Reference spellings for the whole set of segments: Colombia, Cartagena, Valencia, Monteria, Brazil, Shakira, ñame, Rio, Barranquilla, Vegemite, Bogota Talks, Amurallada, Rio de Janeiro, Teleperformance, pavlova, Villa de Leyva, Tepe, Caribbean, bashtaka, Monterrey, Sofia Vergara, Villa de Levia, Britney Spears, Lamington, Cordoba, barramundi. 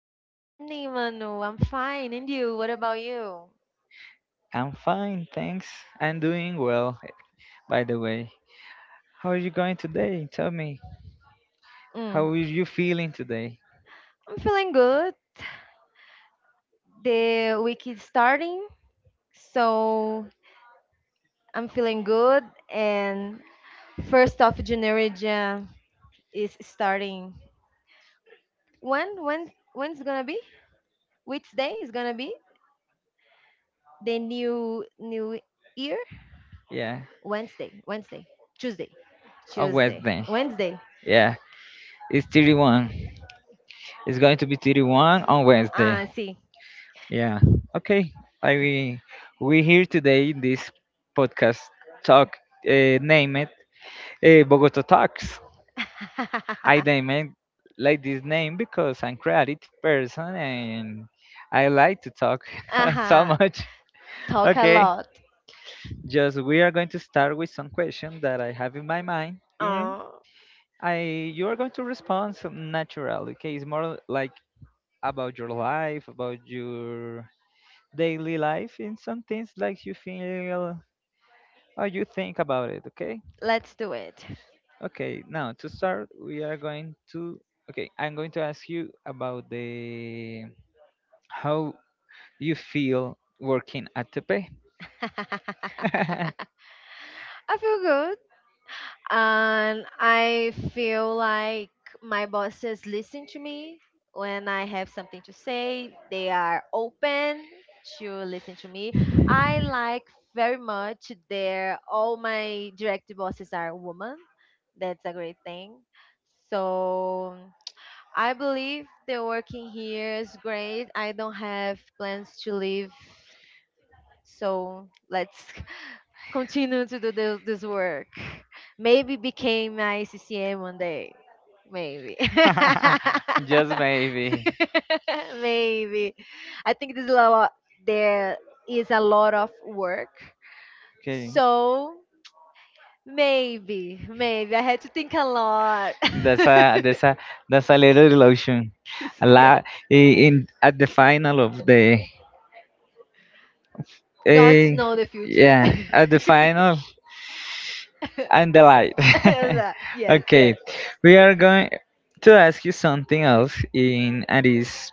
Good morning, Manu. I'm fine. And you? What about you? I'm fine, thanks. I'm doing well, by the way. How are you going today? Tell me. How Mm. are you feeling today? I'm feeling good. The week is starting, so I'm feeling good. And January 1st is starting. When's gonna be? Which day is gonna be the new year? Yeah, Wednesday. Wednesday. Tuesday. on Tuesday. Wednesday. Wednesday. Yeah, it's 31. It's going to be 31 on Wednesday. Ah, see. Yeah. Okay. I we here today in this podcast talk name it Bogota Talks. I name it like this name because I'm creative person and I like to talk uh so huh. much. Talk a Okay, lot. just we are going to start with some question that I have in my mind, and Oh. I you are going to respond so naturally. Okay, it's more like about your life, about your daily life, and some things like you feel or you think about it. Okay, Let's do it. okay. Now to start, we are going to okay. I'm going to ask you about the how you feel working at Tepe. I feel good and I feel like my bosses listen to me when I have something to say. They are open to listen to me. I like very much their all my direct bosses are women. That's a great thing. So I believe the working here is great. I don't have plans to leave. So let's continue to do this work. Maybe became my CCM one day. Maybe. Just maybe. Maybe. I think there is a lot of work. Okay. So maybe I had to think a lot. That's a that's a that's a little illusion. A yes. lot in at the final of the Gods eh, know the future. yeah at the final and the light. yes, yes, Okay, yes. we are going to ask you something else in and is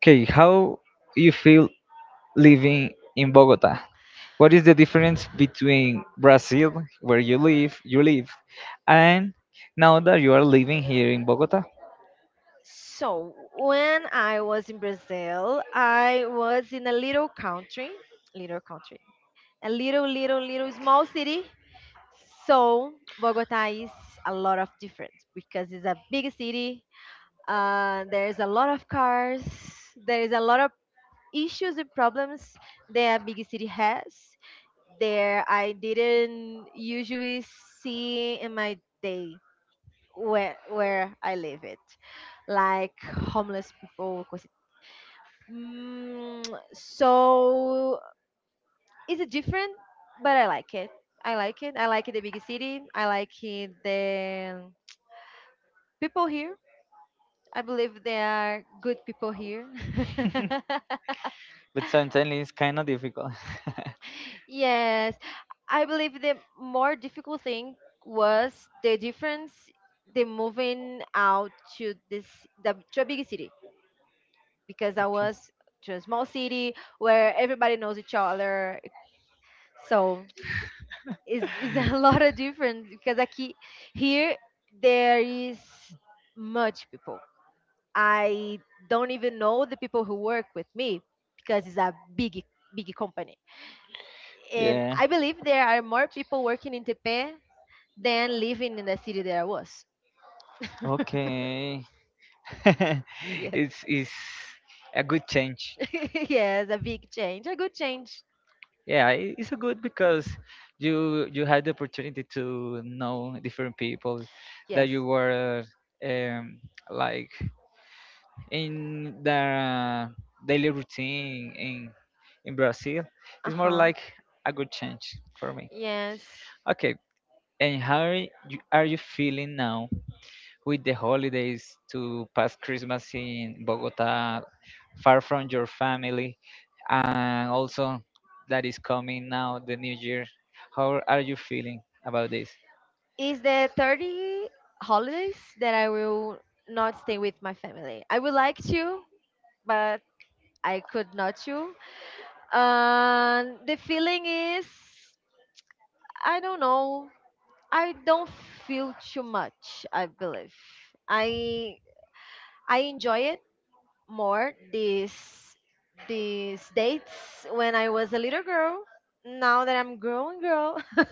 okay how you feel living in Bogota. What is the difference between Brazil, where you live, and now that you are living here in Bogota? So, when I was in Brazil, I was in a little country, a little, little, little small city. So, Bogota is a lot of different because it's a big city. There's a lot of cars. There is a lot of issues and problems that a big city has. There, I didn't usually see in my day where I live it, like homeless people. 'Cause it, mm, so is it different, but I like it. I like it. I like the big city. I like it, the people here. I believe they are good people here. But sometimes it's kind of difficult. Yes, I believe the more difficult thing was the difference. The moving out to this the to a big city because I Okay. was to a small city where everybody knows each other. So it's a lot of difference because I keep, here there is much people. I don't even know the people who work with me because it's a big company. And Yeah. I believe there are more people working in Tepe than living in the city that I was. Okay. Yes. It's a good change. Yes, a big change, a good change. Yeah, it's a good because you had the opportunity to know different people that Yes. you were um, like in their daily routine in Brazil Uh it's more huh. like a good change for me. Yes. Okay, and how are you feeling now with the holidays to pass Christmas in Bogota, far from your family, and also that is coming now the New Year? How are you feeling about this? Is the 30 holidays that I will not stay with my family. I would like to, but I could not to. And the feeling is, I don't know. I don't feel too much. I believe I I enjoy it more these dates when I was a little girl. Now that I'm grown girl,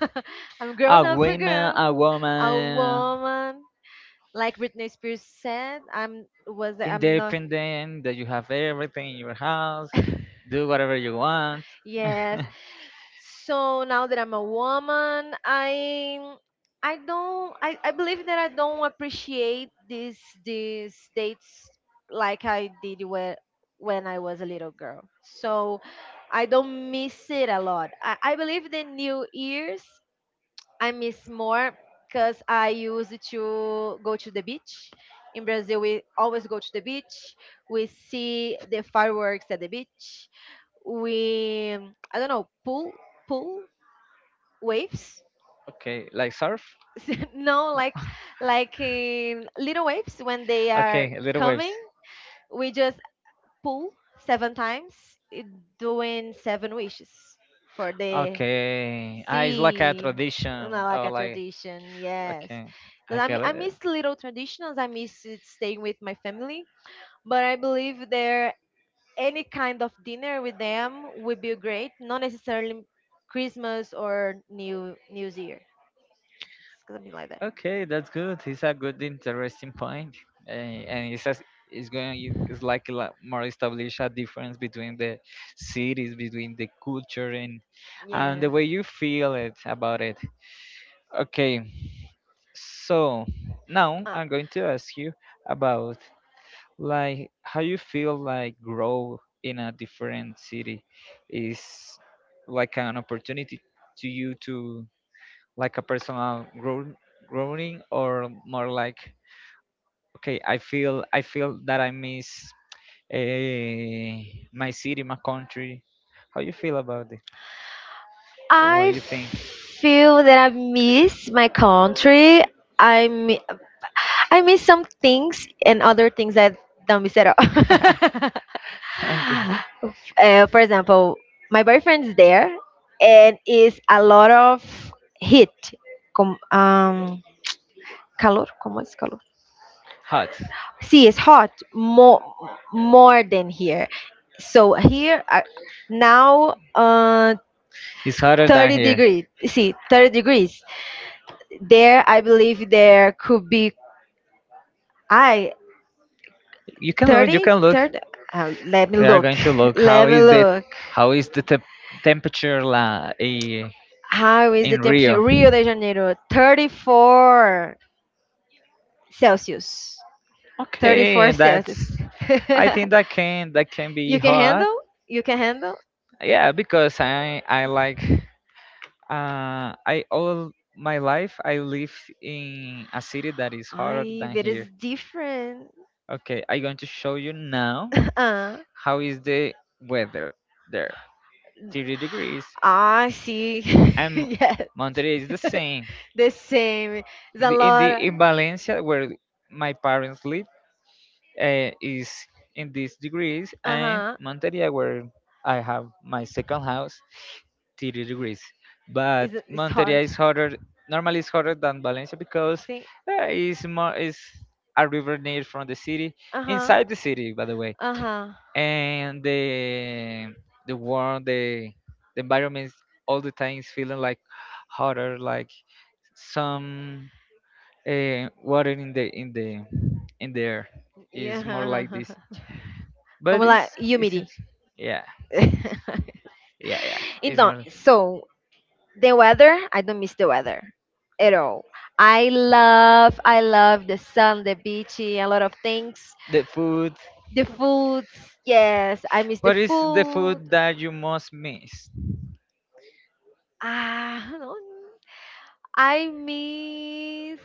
I'm grown A up a woman, a girl, a woman woman. Like Britney Spears said, I'm was that I'm not. independent that you have everything in your house do whatever you want. Yes. So now that I'm a woman, I don't, I believe that I don't appreciate these dates like I did when I was a little girl. So I don't miss it a lot. I believe the New Year's I miss more because I used to go to the beach. In Brazil, we always go to the beach. We see the fireworks at the beach. We, I don't know, pool waves. Okay, like surf. No, like in little waves when they are Okay, little waves. coming. We just pull seven times, eh, doing seven wishes for the, Okay, ah, it's like a see, not tradition. like Oh, a like tradition. Yes, okay, but I get I it. miss little traditions. I miss it staying with my family. But I believe there any kind of dinner with them would be great. Not necessarily Christmas or New Year, something like that. Okay, that's good. It's a good, interesting point, and it's as it's going. It's like a lot more establish a difference between the cities, between the culture, and the Yes. way you feel it about it. Okay, so now Uh, I'm going to ask you about like how you feel like grow in a different city is like an opportunity to you to like a personal grow, growing or more like okay I feel that I miss eh, my city my country how you feel about it what I you think feel that I miss my country. I I miss some things and other things that don't miss at all. okay For example, my boyfriend's there, and is a lot of heat. Com- um, calor, como es calor? hot See, it's hot more than here. So here now it's hotter than 30 here degrees. See, 30 degrees. There, I believe there could be. I you can look you 30, can look thirty. Let me We are look. going to look Let me look. how is the temperature How is the in Rio. temperature? Rio de Janeiro, 34 Celsius. Okay, 34 and Celsius. that's I think that can be You can hot. handle? You can handle? Yeah, because I like I all my life I live in a city that is hotter I, than it here. is different. Okay, I'm going to show you now uh, how is the weather there. 30 degrees. I see. And Yes, Monterrey is the same. the same. It's a The, in lot. the in Valencia where my parents live is in these degrees, Uh and huh. Monteria where I have my second house, 30 degrees. But It's Monteria hard. is hotter. Normally, it's hotter than Valencia because See? It's more is a river near from the city, Uh huh. inside the city, by the way. Uh huh. And the warm the environment is all the time is feeling like hotter, like some water in the in the in the air is more like Yeah. this but Como la it's isn't humidity. yeah yeah it's Então, more so the weather, I don't miss the weather at all. I love the sun, the beach, a lot of things. the food. The food, yes, I miss the What is the food. food that you most miss? Ah, I don't I miss.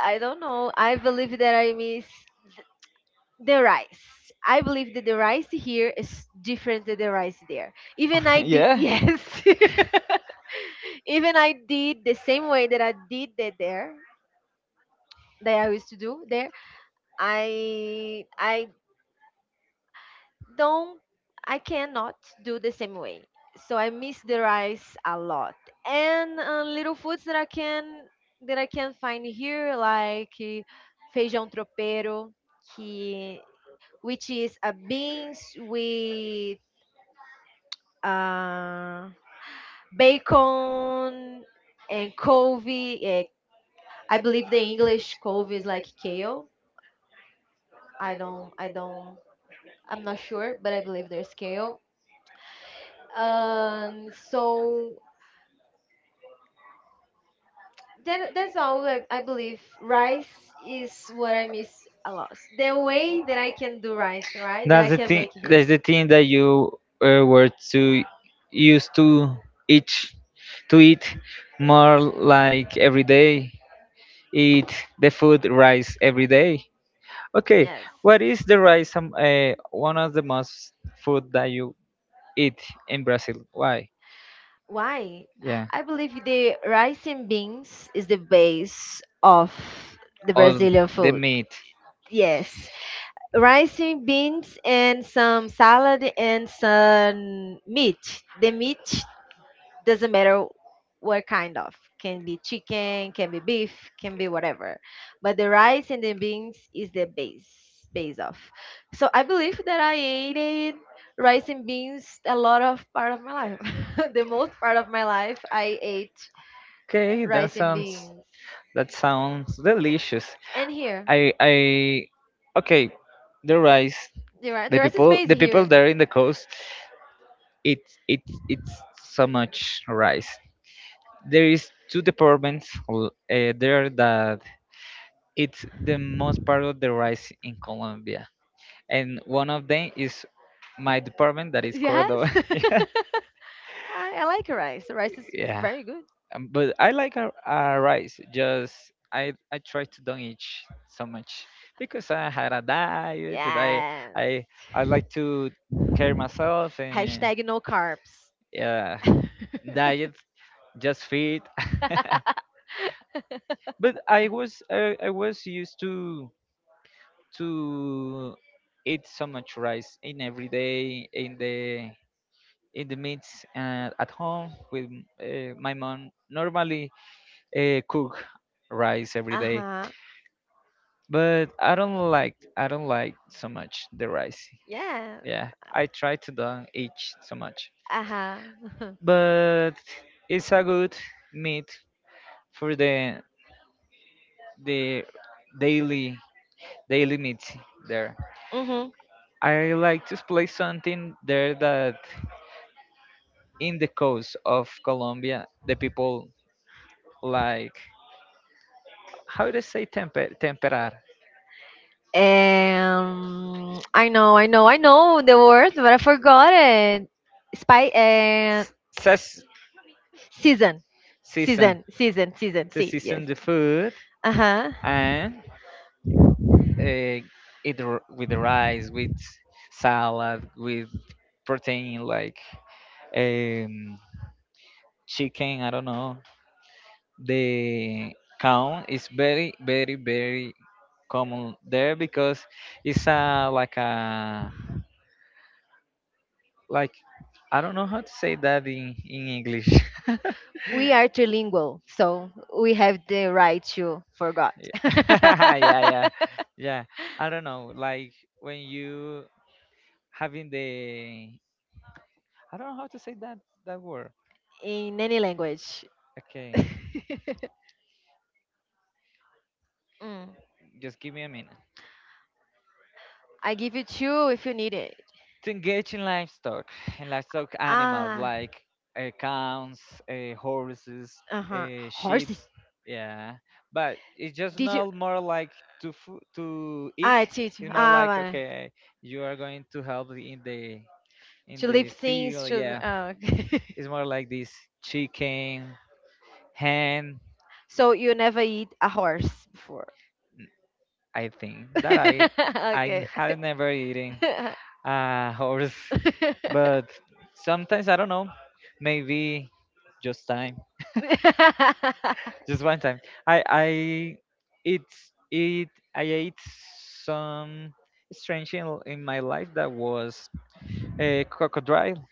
I don't know. I believe that I miss the rice. I believe that the rice here is different than the rice there. Even I did, Yeah, yes. Even I did the same way that I did that there, that I used to do there. I don't, I cannot do the same way. So I miss the rice a lot. And little foods that I can find here, like feijão tropeiro, que which is a beans with uh, bacon and covey. I believe the English covey is like kale. I don't, I'm not sure, but I believe there's kale. So that's all I believe. Rice is what I miss a lot. The way that I can do rice, right? That I that's the can thing make here. that's the thing that you were to used to eat eat more like every day eat the food rice every day. Okay, Yes. what is the rice one of the most food that you eat in Brazil? Why? Why? Yeah, I believe the rice and beans is the base of the all Brazilian the food. meat. Yes, rice and beans and some salad and some meat. The meat doesn't matter what kind of, can be chicken, can be beef, can be whatever, but the rice and the beans is the base of. So I believe that I ate it, rice and beans, a lot of part of my life. The most part of my life I ate Okay, that rice and sounds beans. that sounds delicious. And here I okay, the rice. the rice, The the rice is people base the people here. there in the coast it it's so much rice. There is two departments there that it's the most part of the rice in Colombia and one of them is my department that is yeah. Yes. Cordoba. Yeah, I like rice. Rice is yeah. very good. But I like a our rice. Just I try to don't eat so much because I had a diet. And I Yes. I I like to care myself and #NoCarbs. yeah, diet just fit. But I was used to to eat so much rice in every day in the meats at home with my mom normally cook rice every Uh day, huh. but I don't like so much the rice. Yes. Yeah, I try to don't eat so much, Uh huh. but it's a good meat for the daily daily meat there. Mhm. I like to play something there that in the coast of Colombia the people like how do they say temperar I know, I know, I know the word, but I forgot it. Spy S- ses- season, season season, season, season. to See, yes. season the food Uh huh. and uh, eat with the rice, with salad, with protein like um, chicken. I don't know. The count is very, very, very common there because it's a like I don't know how to say that in English. We are trilingual, so we have the right to forgot. yeah, yeah, yeah. I don't know. Like when you having the I don't know how to say that that word. In any language. Okay, Mm. just give me a minute. I give you two if you need it. To engage in livestock animals Ah. like cows, horses, Uh huh. Sheep. Horses. Yeah, but it's just Did you? not more like to eat. Ah, teach. It's more Ah, like vale. okay, you are going to help in To leave the things field. to. Yeah, Oh, okay. it's more like this chicken, hen. So you never eat a horse before. I think that I I Okay. had never eaten a horse. But sometimes I don't know, maybe just time, just one time. I it's it I ate some strange thing in my life that was a crocodile.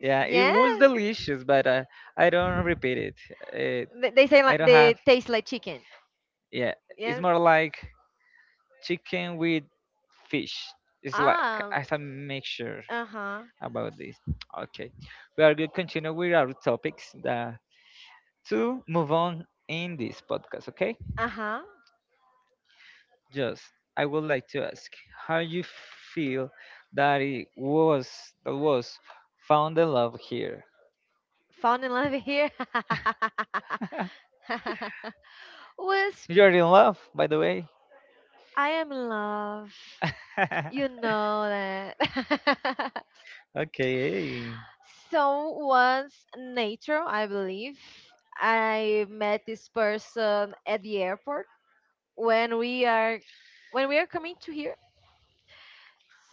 Yeah, it Yeah. was delicious, but I don't repeat it. Uh, They say I like don't they have. taste like chicken. Yeah, it's Yeah. more like chicken with fish. It's like Ah. as a mixture. Uh huh. About this. Okay, we are going to continue with our topics that to move on in this podcast. Okay, Uh huh. just I would like to ask how you feel that it was that was found the love here. Found in love here. Was You're in love, by the way. I am in love. You know that. Okay, So once nature, I believe, I met this person at the airport when we are coming to here.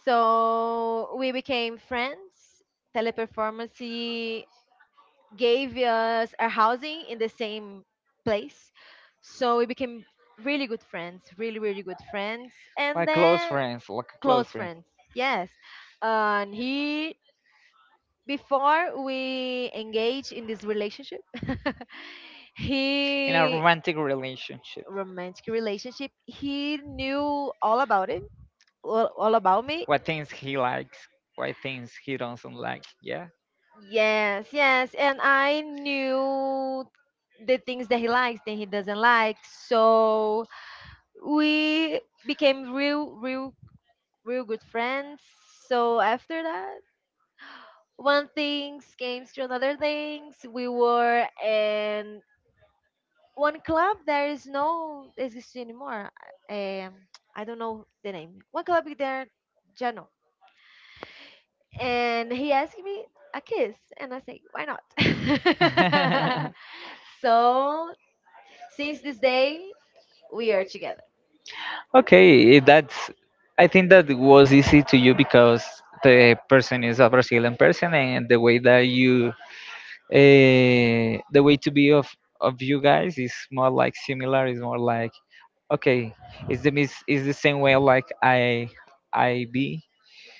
So we became friends. Teleperformance gave us our housing in the same place. So we became really good friends, really, really good friends. And then like close close friends friends, yes. And he, before we engage in this relationship, in a he, romantic relationship. romantic relationship, he knew all about it, all about me. What things he likes, what things he doesn't like. Yeah? Yes, yes. And I knew the things that he likes, that he doesn't like. So we became real, real, real good friends. So after that, one thing came to another things. We were in one club that is no exists anymore. Um, I don't know the name. One club is there, Jano. And he asked me a kiss, and I say, why not? So since this day, we are together. okay, that's. I think that was easy to you because the person is a Brazilian person, and the way that you, the way to be of you guys is more like similar. Is more like okay, is the same way like I be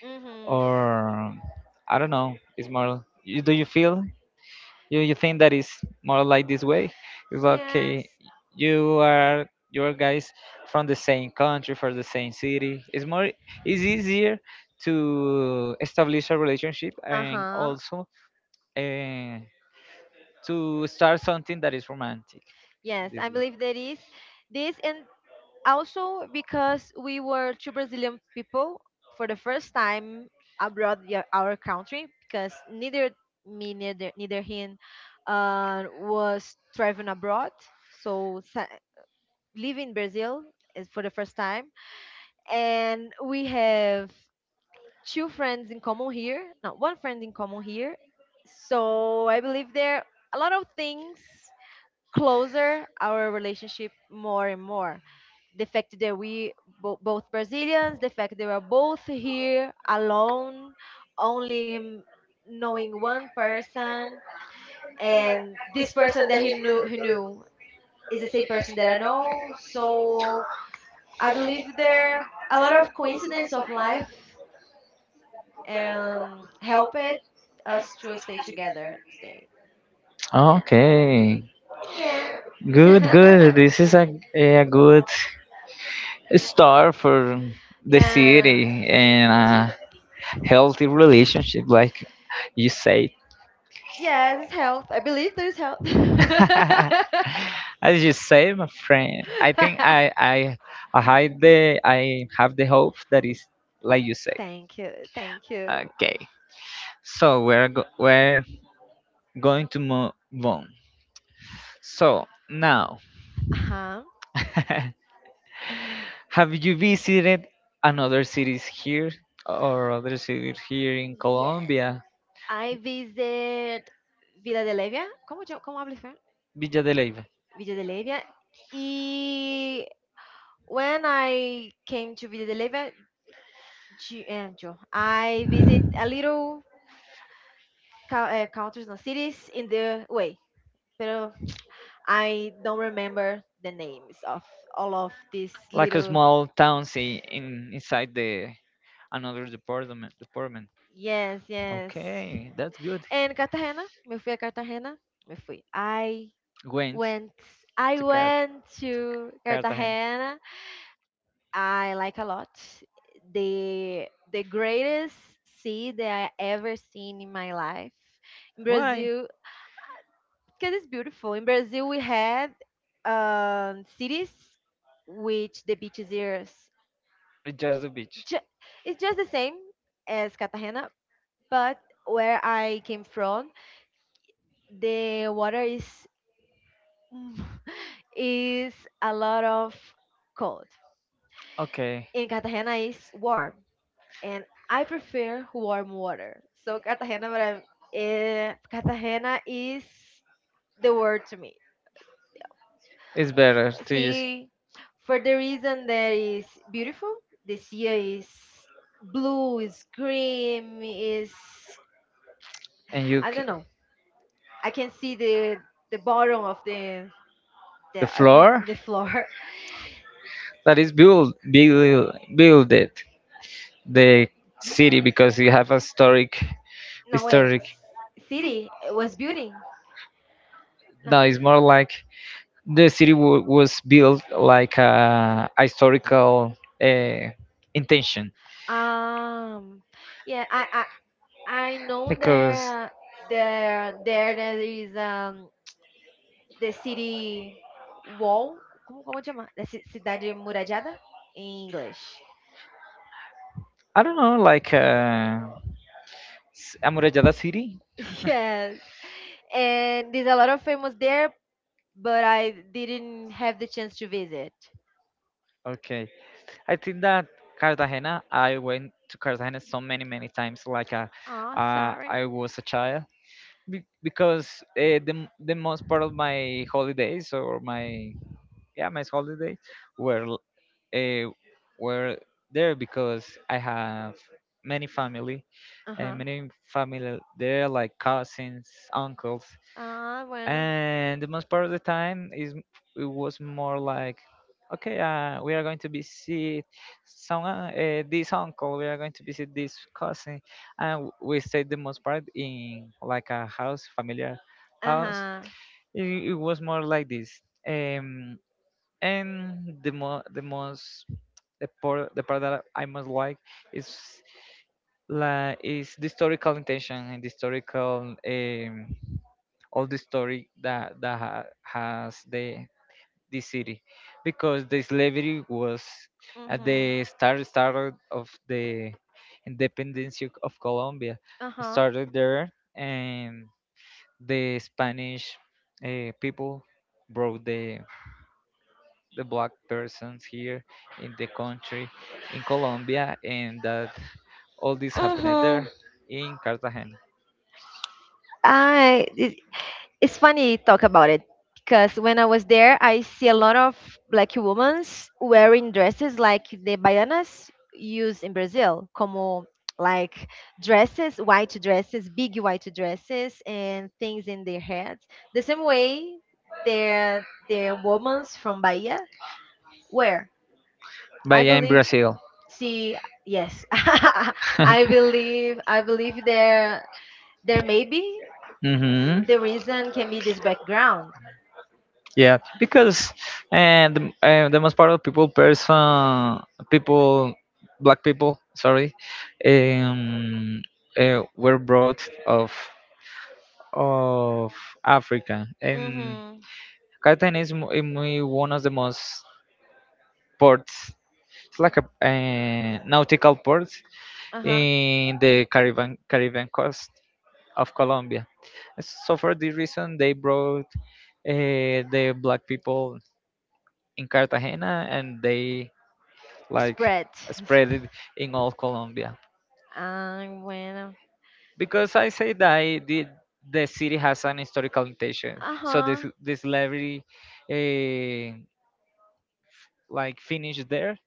Mm-hmm. or I don't know. It's more. You, do you feel? You think that is more like this way it's like, Yes. okay you are your guys from the same country from the same city it's more it's easier to establish a relationship and Uh-huh. also uh, to start something that is romantic Yes, this I way. believe that is this and also because we were two Brazilian people for the first time abroad our country because neither me neither him was traveling abroad so live in Brazil is for the first time and we have two friends in common here, no, one friend in common here. So I believe there are a lot of things closer our relationship more and more. The fact that we both Brazilians, the fact that we're both here alone, only knowing one person, and this person that he knew, is the same person that I know. So I believe there are a lot of coincidence of life and help it us to stay together today. Yes. Okay, Yeah. good, good. This is a good start for the Yes. city and a healthy relationship, like you said. Yes, it's health. I believe there's health. As you say, my friend, I think I hide the I have the hope that is like you say. Thank you. Thank you. Okay, so we're going to move on. So now, Uh-huh. have you visited another cities here or other cities here in Yes. Colombia? I visit Villa de Levia. ¿Cómo, cómo hablo español? Villa de Leyva, Villa de Levia. Y when I came to Villa de Levia, yo, I visit a little countries, no cities in the way. Pero I don't remember the names of all of these like a little. small town see in inside the another department department. Yes, yes. Okay, that's good. And Cartagena, me fui a Cartagena, me fui. Went went, I to went to Cartagena. Cartagena. I like a lot. The greatest sea that I ever seen in my life. In Why? Brazil. Because it's beautiful. In Brazil, we have cities which the beaches is It's just the beach. ju- it's just the same as Cartagena, but where I came from, the water is is a lot of cold. Okay, In Cartagena is warm, and I prefer warm water. So Cartagena, but Cartagena is the word to me. it's better to use See, for the reason that is beautiful, the sea is blue, is green, is and you I c- don't know. I can see the bottom of the the the every, floor the floor. that is build it the city because you have a No historic. wings. City it was beauty. No. No, it's more like the city was built like a historical uh, intention. Um. Yeah. I know, Because there is the city wall. Como como chama? The cidade muralhada in English. I don't know, like Amurallada City. Yes. And there's a lot of famous there, but I didn't have the chance to visit. Okay, I think that Cartagena. I went to Cartagena so many many times. Oh, sorry. I was a child because the the most part of my holidays or my holidays were l- uh, were there because I have many family and Uh-huh. many family there, like cousins, uncles. Ah, bueno. And the most part of the time is it was more like, okay, we are going to visit some this uncle, we are going to visit this cousin, and we stayed the most part in like a house familiar house. Uh-huh. It was more like this. um and the most, the part that I most like is, like, is the historical intention and the historical, all the story that has the this city, because the slavery was at Mm-hmm. the started of the independence of Colombia. Uh It huh. started there, and the Spanish people brought the black persons here in the country, in Colombia, and that all this happened Mm-hmm. there in Cartagena. I. it's funny talk about it because when I was there, I see a lot of black women wearing dresses like the baianas use in Brazil, como like dresses, white dresses, big white dresses, and things in their heads. The same way their women from Bahia wear. I But yeah, in believe. Brazil. See, yes, I believe. I believe there may be hmm. the reason can be this background. Yeah, because and the most part of people, black people, sorry, um, were brought of of Africa, and Mm-hmm. Cartagena is, is muy one of the most ports. It's like a nautical port Uh huh. in the Caribbean coast of Colombia. So for this reason, they brought the black people in Cartagena, and they, like, Spread. spread Spread. it in all Colombia. And when. Because I say that the city has an historical intention, Uh so this huh. this slavery uh, like finished there.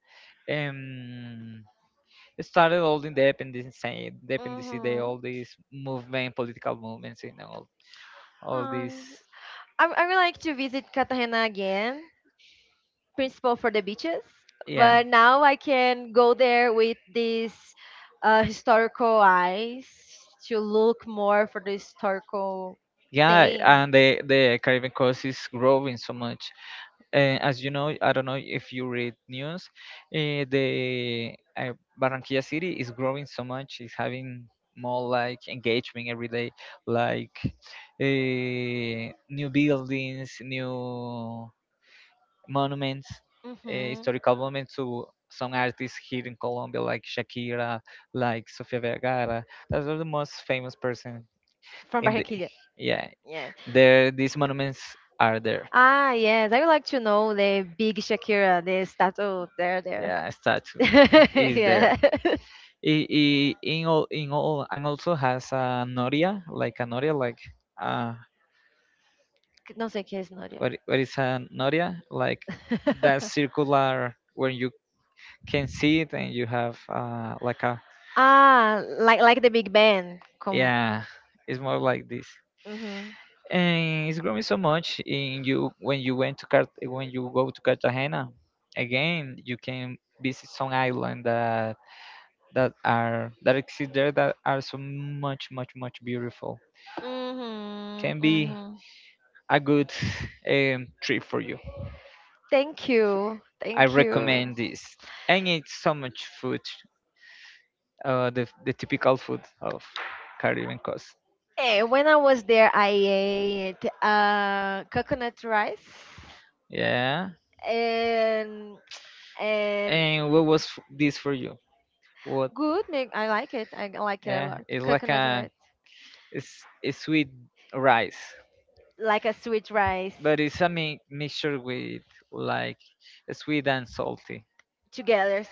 Um, it started all independence, independence day, Mm-hmm. all these movement, political movements, and all this. Um, I would like to visit Cartagena again. Principal for the beaches, Yeah, but now I can go there with these historical eyes to look more for the historical yeah, thing. and the Caribbean coast is growing so much. As you know, I don't know if you read news, the Barranquilla city is growing so much. It's having more like engagement every day, like, new buildings, new monuments, Hmm. historical monuments to some artists here in Colombia, like Shakira, like Sofia Vergara. Those are the most famous person From in the, Barranquilla. yeah. Yeah. There, these monuments are there. Ah, yes. I would like to know the big Shakira, the statue there, there. Yeah, statue is there. Yeah. In all and also has a noria, like a noria, like uh No sé qué es Noria. what, what is a noria, like that Circular. circular where you can see it and you have, uh, like a, Ah, like the big band. Yeah, it's more like this. Mhm. And it's growing so much in, you when you when you go to Cartagena again, you can visit some island that are, that exist there, that are so much, much beautiful. Mhm. Can be Mhm. a good trip for you. Thank you. I Thank you. recommend this, and it's so much food, the typical food of Caribbean coast. When I was there, I ate coconut rice Yeah. and and And what was this for you? What? Good, Nick. I like it. I like it a Yeah, lot. it's like Coconut a, rice. it's a sweet rice, Like a sweet rice but it's a mixture with, like, sweet and salty. together.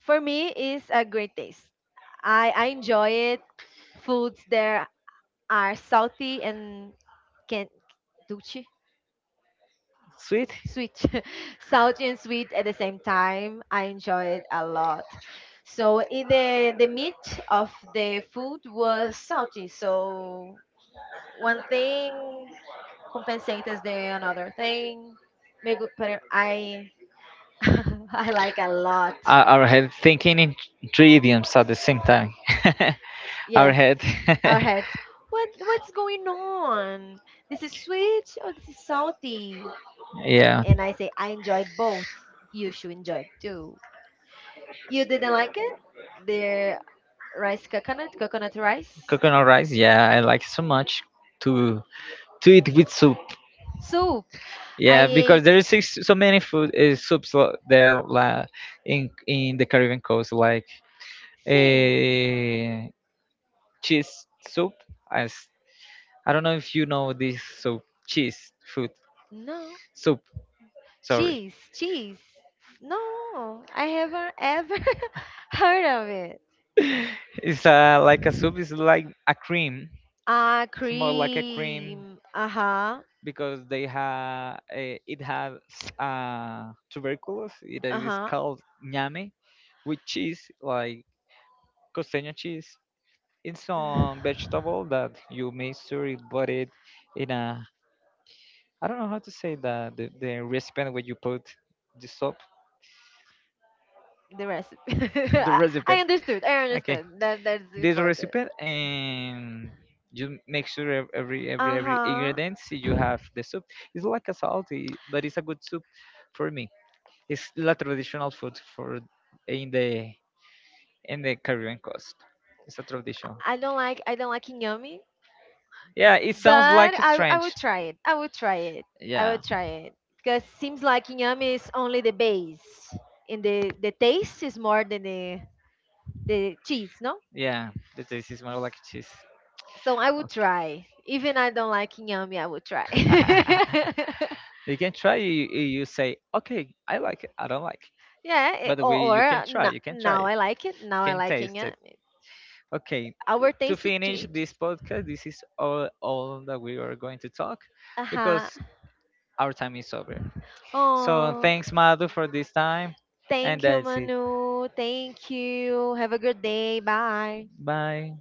For me, it's a great taste. I enjoy it. Foods there are salty and can duchy Sweet. sweet, salty and sweet at the same time I enjoy it a lot. So in the meat of the food was salty, so one thing. Compensate is the another thing. Pero I I like a lot. I our head thinking in three idioms at the same time. Our Yes, head. our heads. What's going on? This is sweet or this is salty? Yeah. And I say I enjoyed both. You should enjoy it too. You didn't like it? The rice coconut, coconut rice Coconut rice, yeah, I like so much to to eat with soup. soup. I Yeah, because ate there is so many food, soups there, la, in the Caribbean coast, like thing. a cheese soup. As, I don't know if you know this soup, cheese food No, soup. Sorry, cheese, cheese. No, I haven't ever heard of it. it's like a soup. It's like a cream. Ah, It's more like a cream cream. Uh huh. because they have, it has, tuberculosis. It Uh is huh. called ñame with cheese, like costeño cheese, in some vegetable that you make sure you put it in a, I don't know how to say that, the recipient where you put the soap. The recipe. The I recipe, I understood. I okay, understood. That's this important. recipe, and you make sure every every Uh-huh. ingredient, see, you have the soup. It's like a salty, but it's a good soup for me. It's la traditional food for, in the, in the Caribbean coast, it's a tradition. I don't like inyomi, Yeah, it sounds but like a I strange. would try it. I would try it. I Yeah, would try it because seems like inyomi is only the base, and the taste is more than the cheese, no? yeah, the taste is more like cheese. So I would try. Even I don't like inyomi, I would try. You can try. You say, okay, I like it, I don't like Yeah, it. Or, You or can try, you can try now it, I like it. you Now I can like it. taste it. Okay. Our To taste it finish this changes. podcast, this is all that we are going to talk, because Uh-huh. our time is over. So Oh, thanks, Madhu, for this time, and thank you, that's it. Manu. Thank you. Have a good day. Bye. Bye.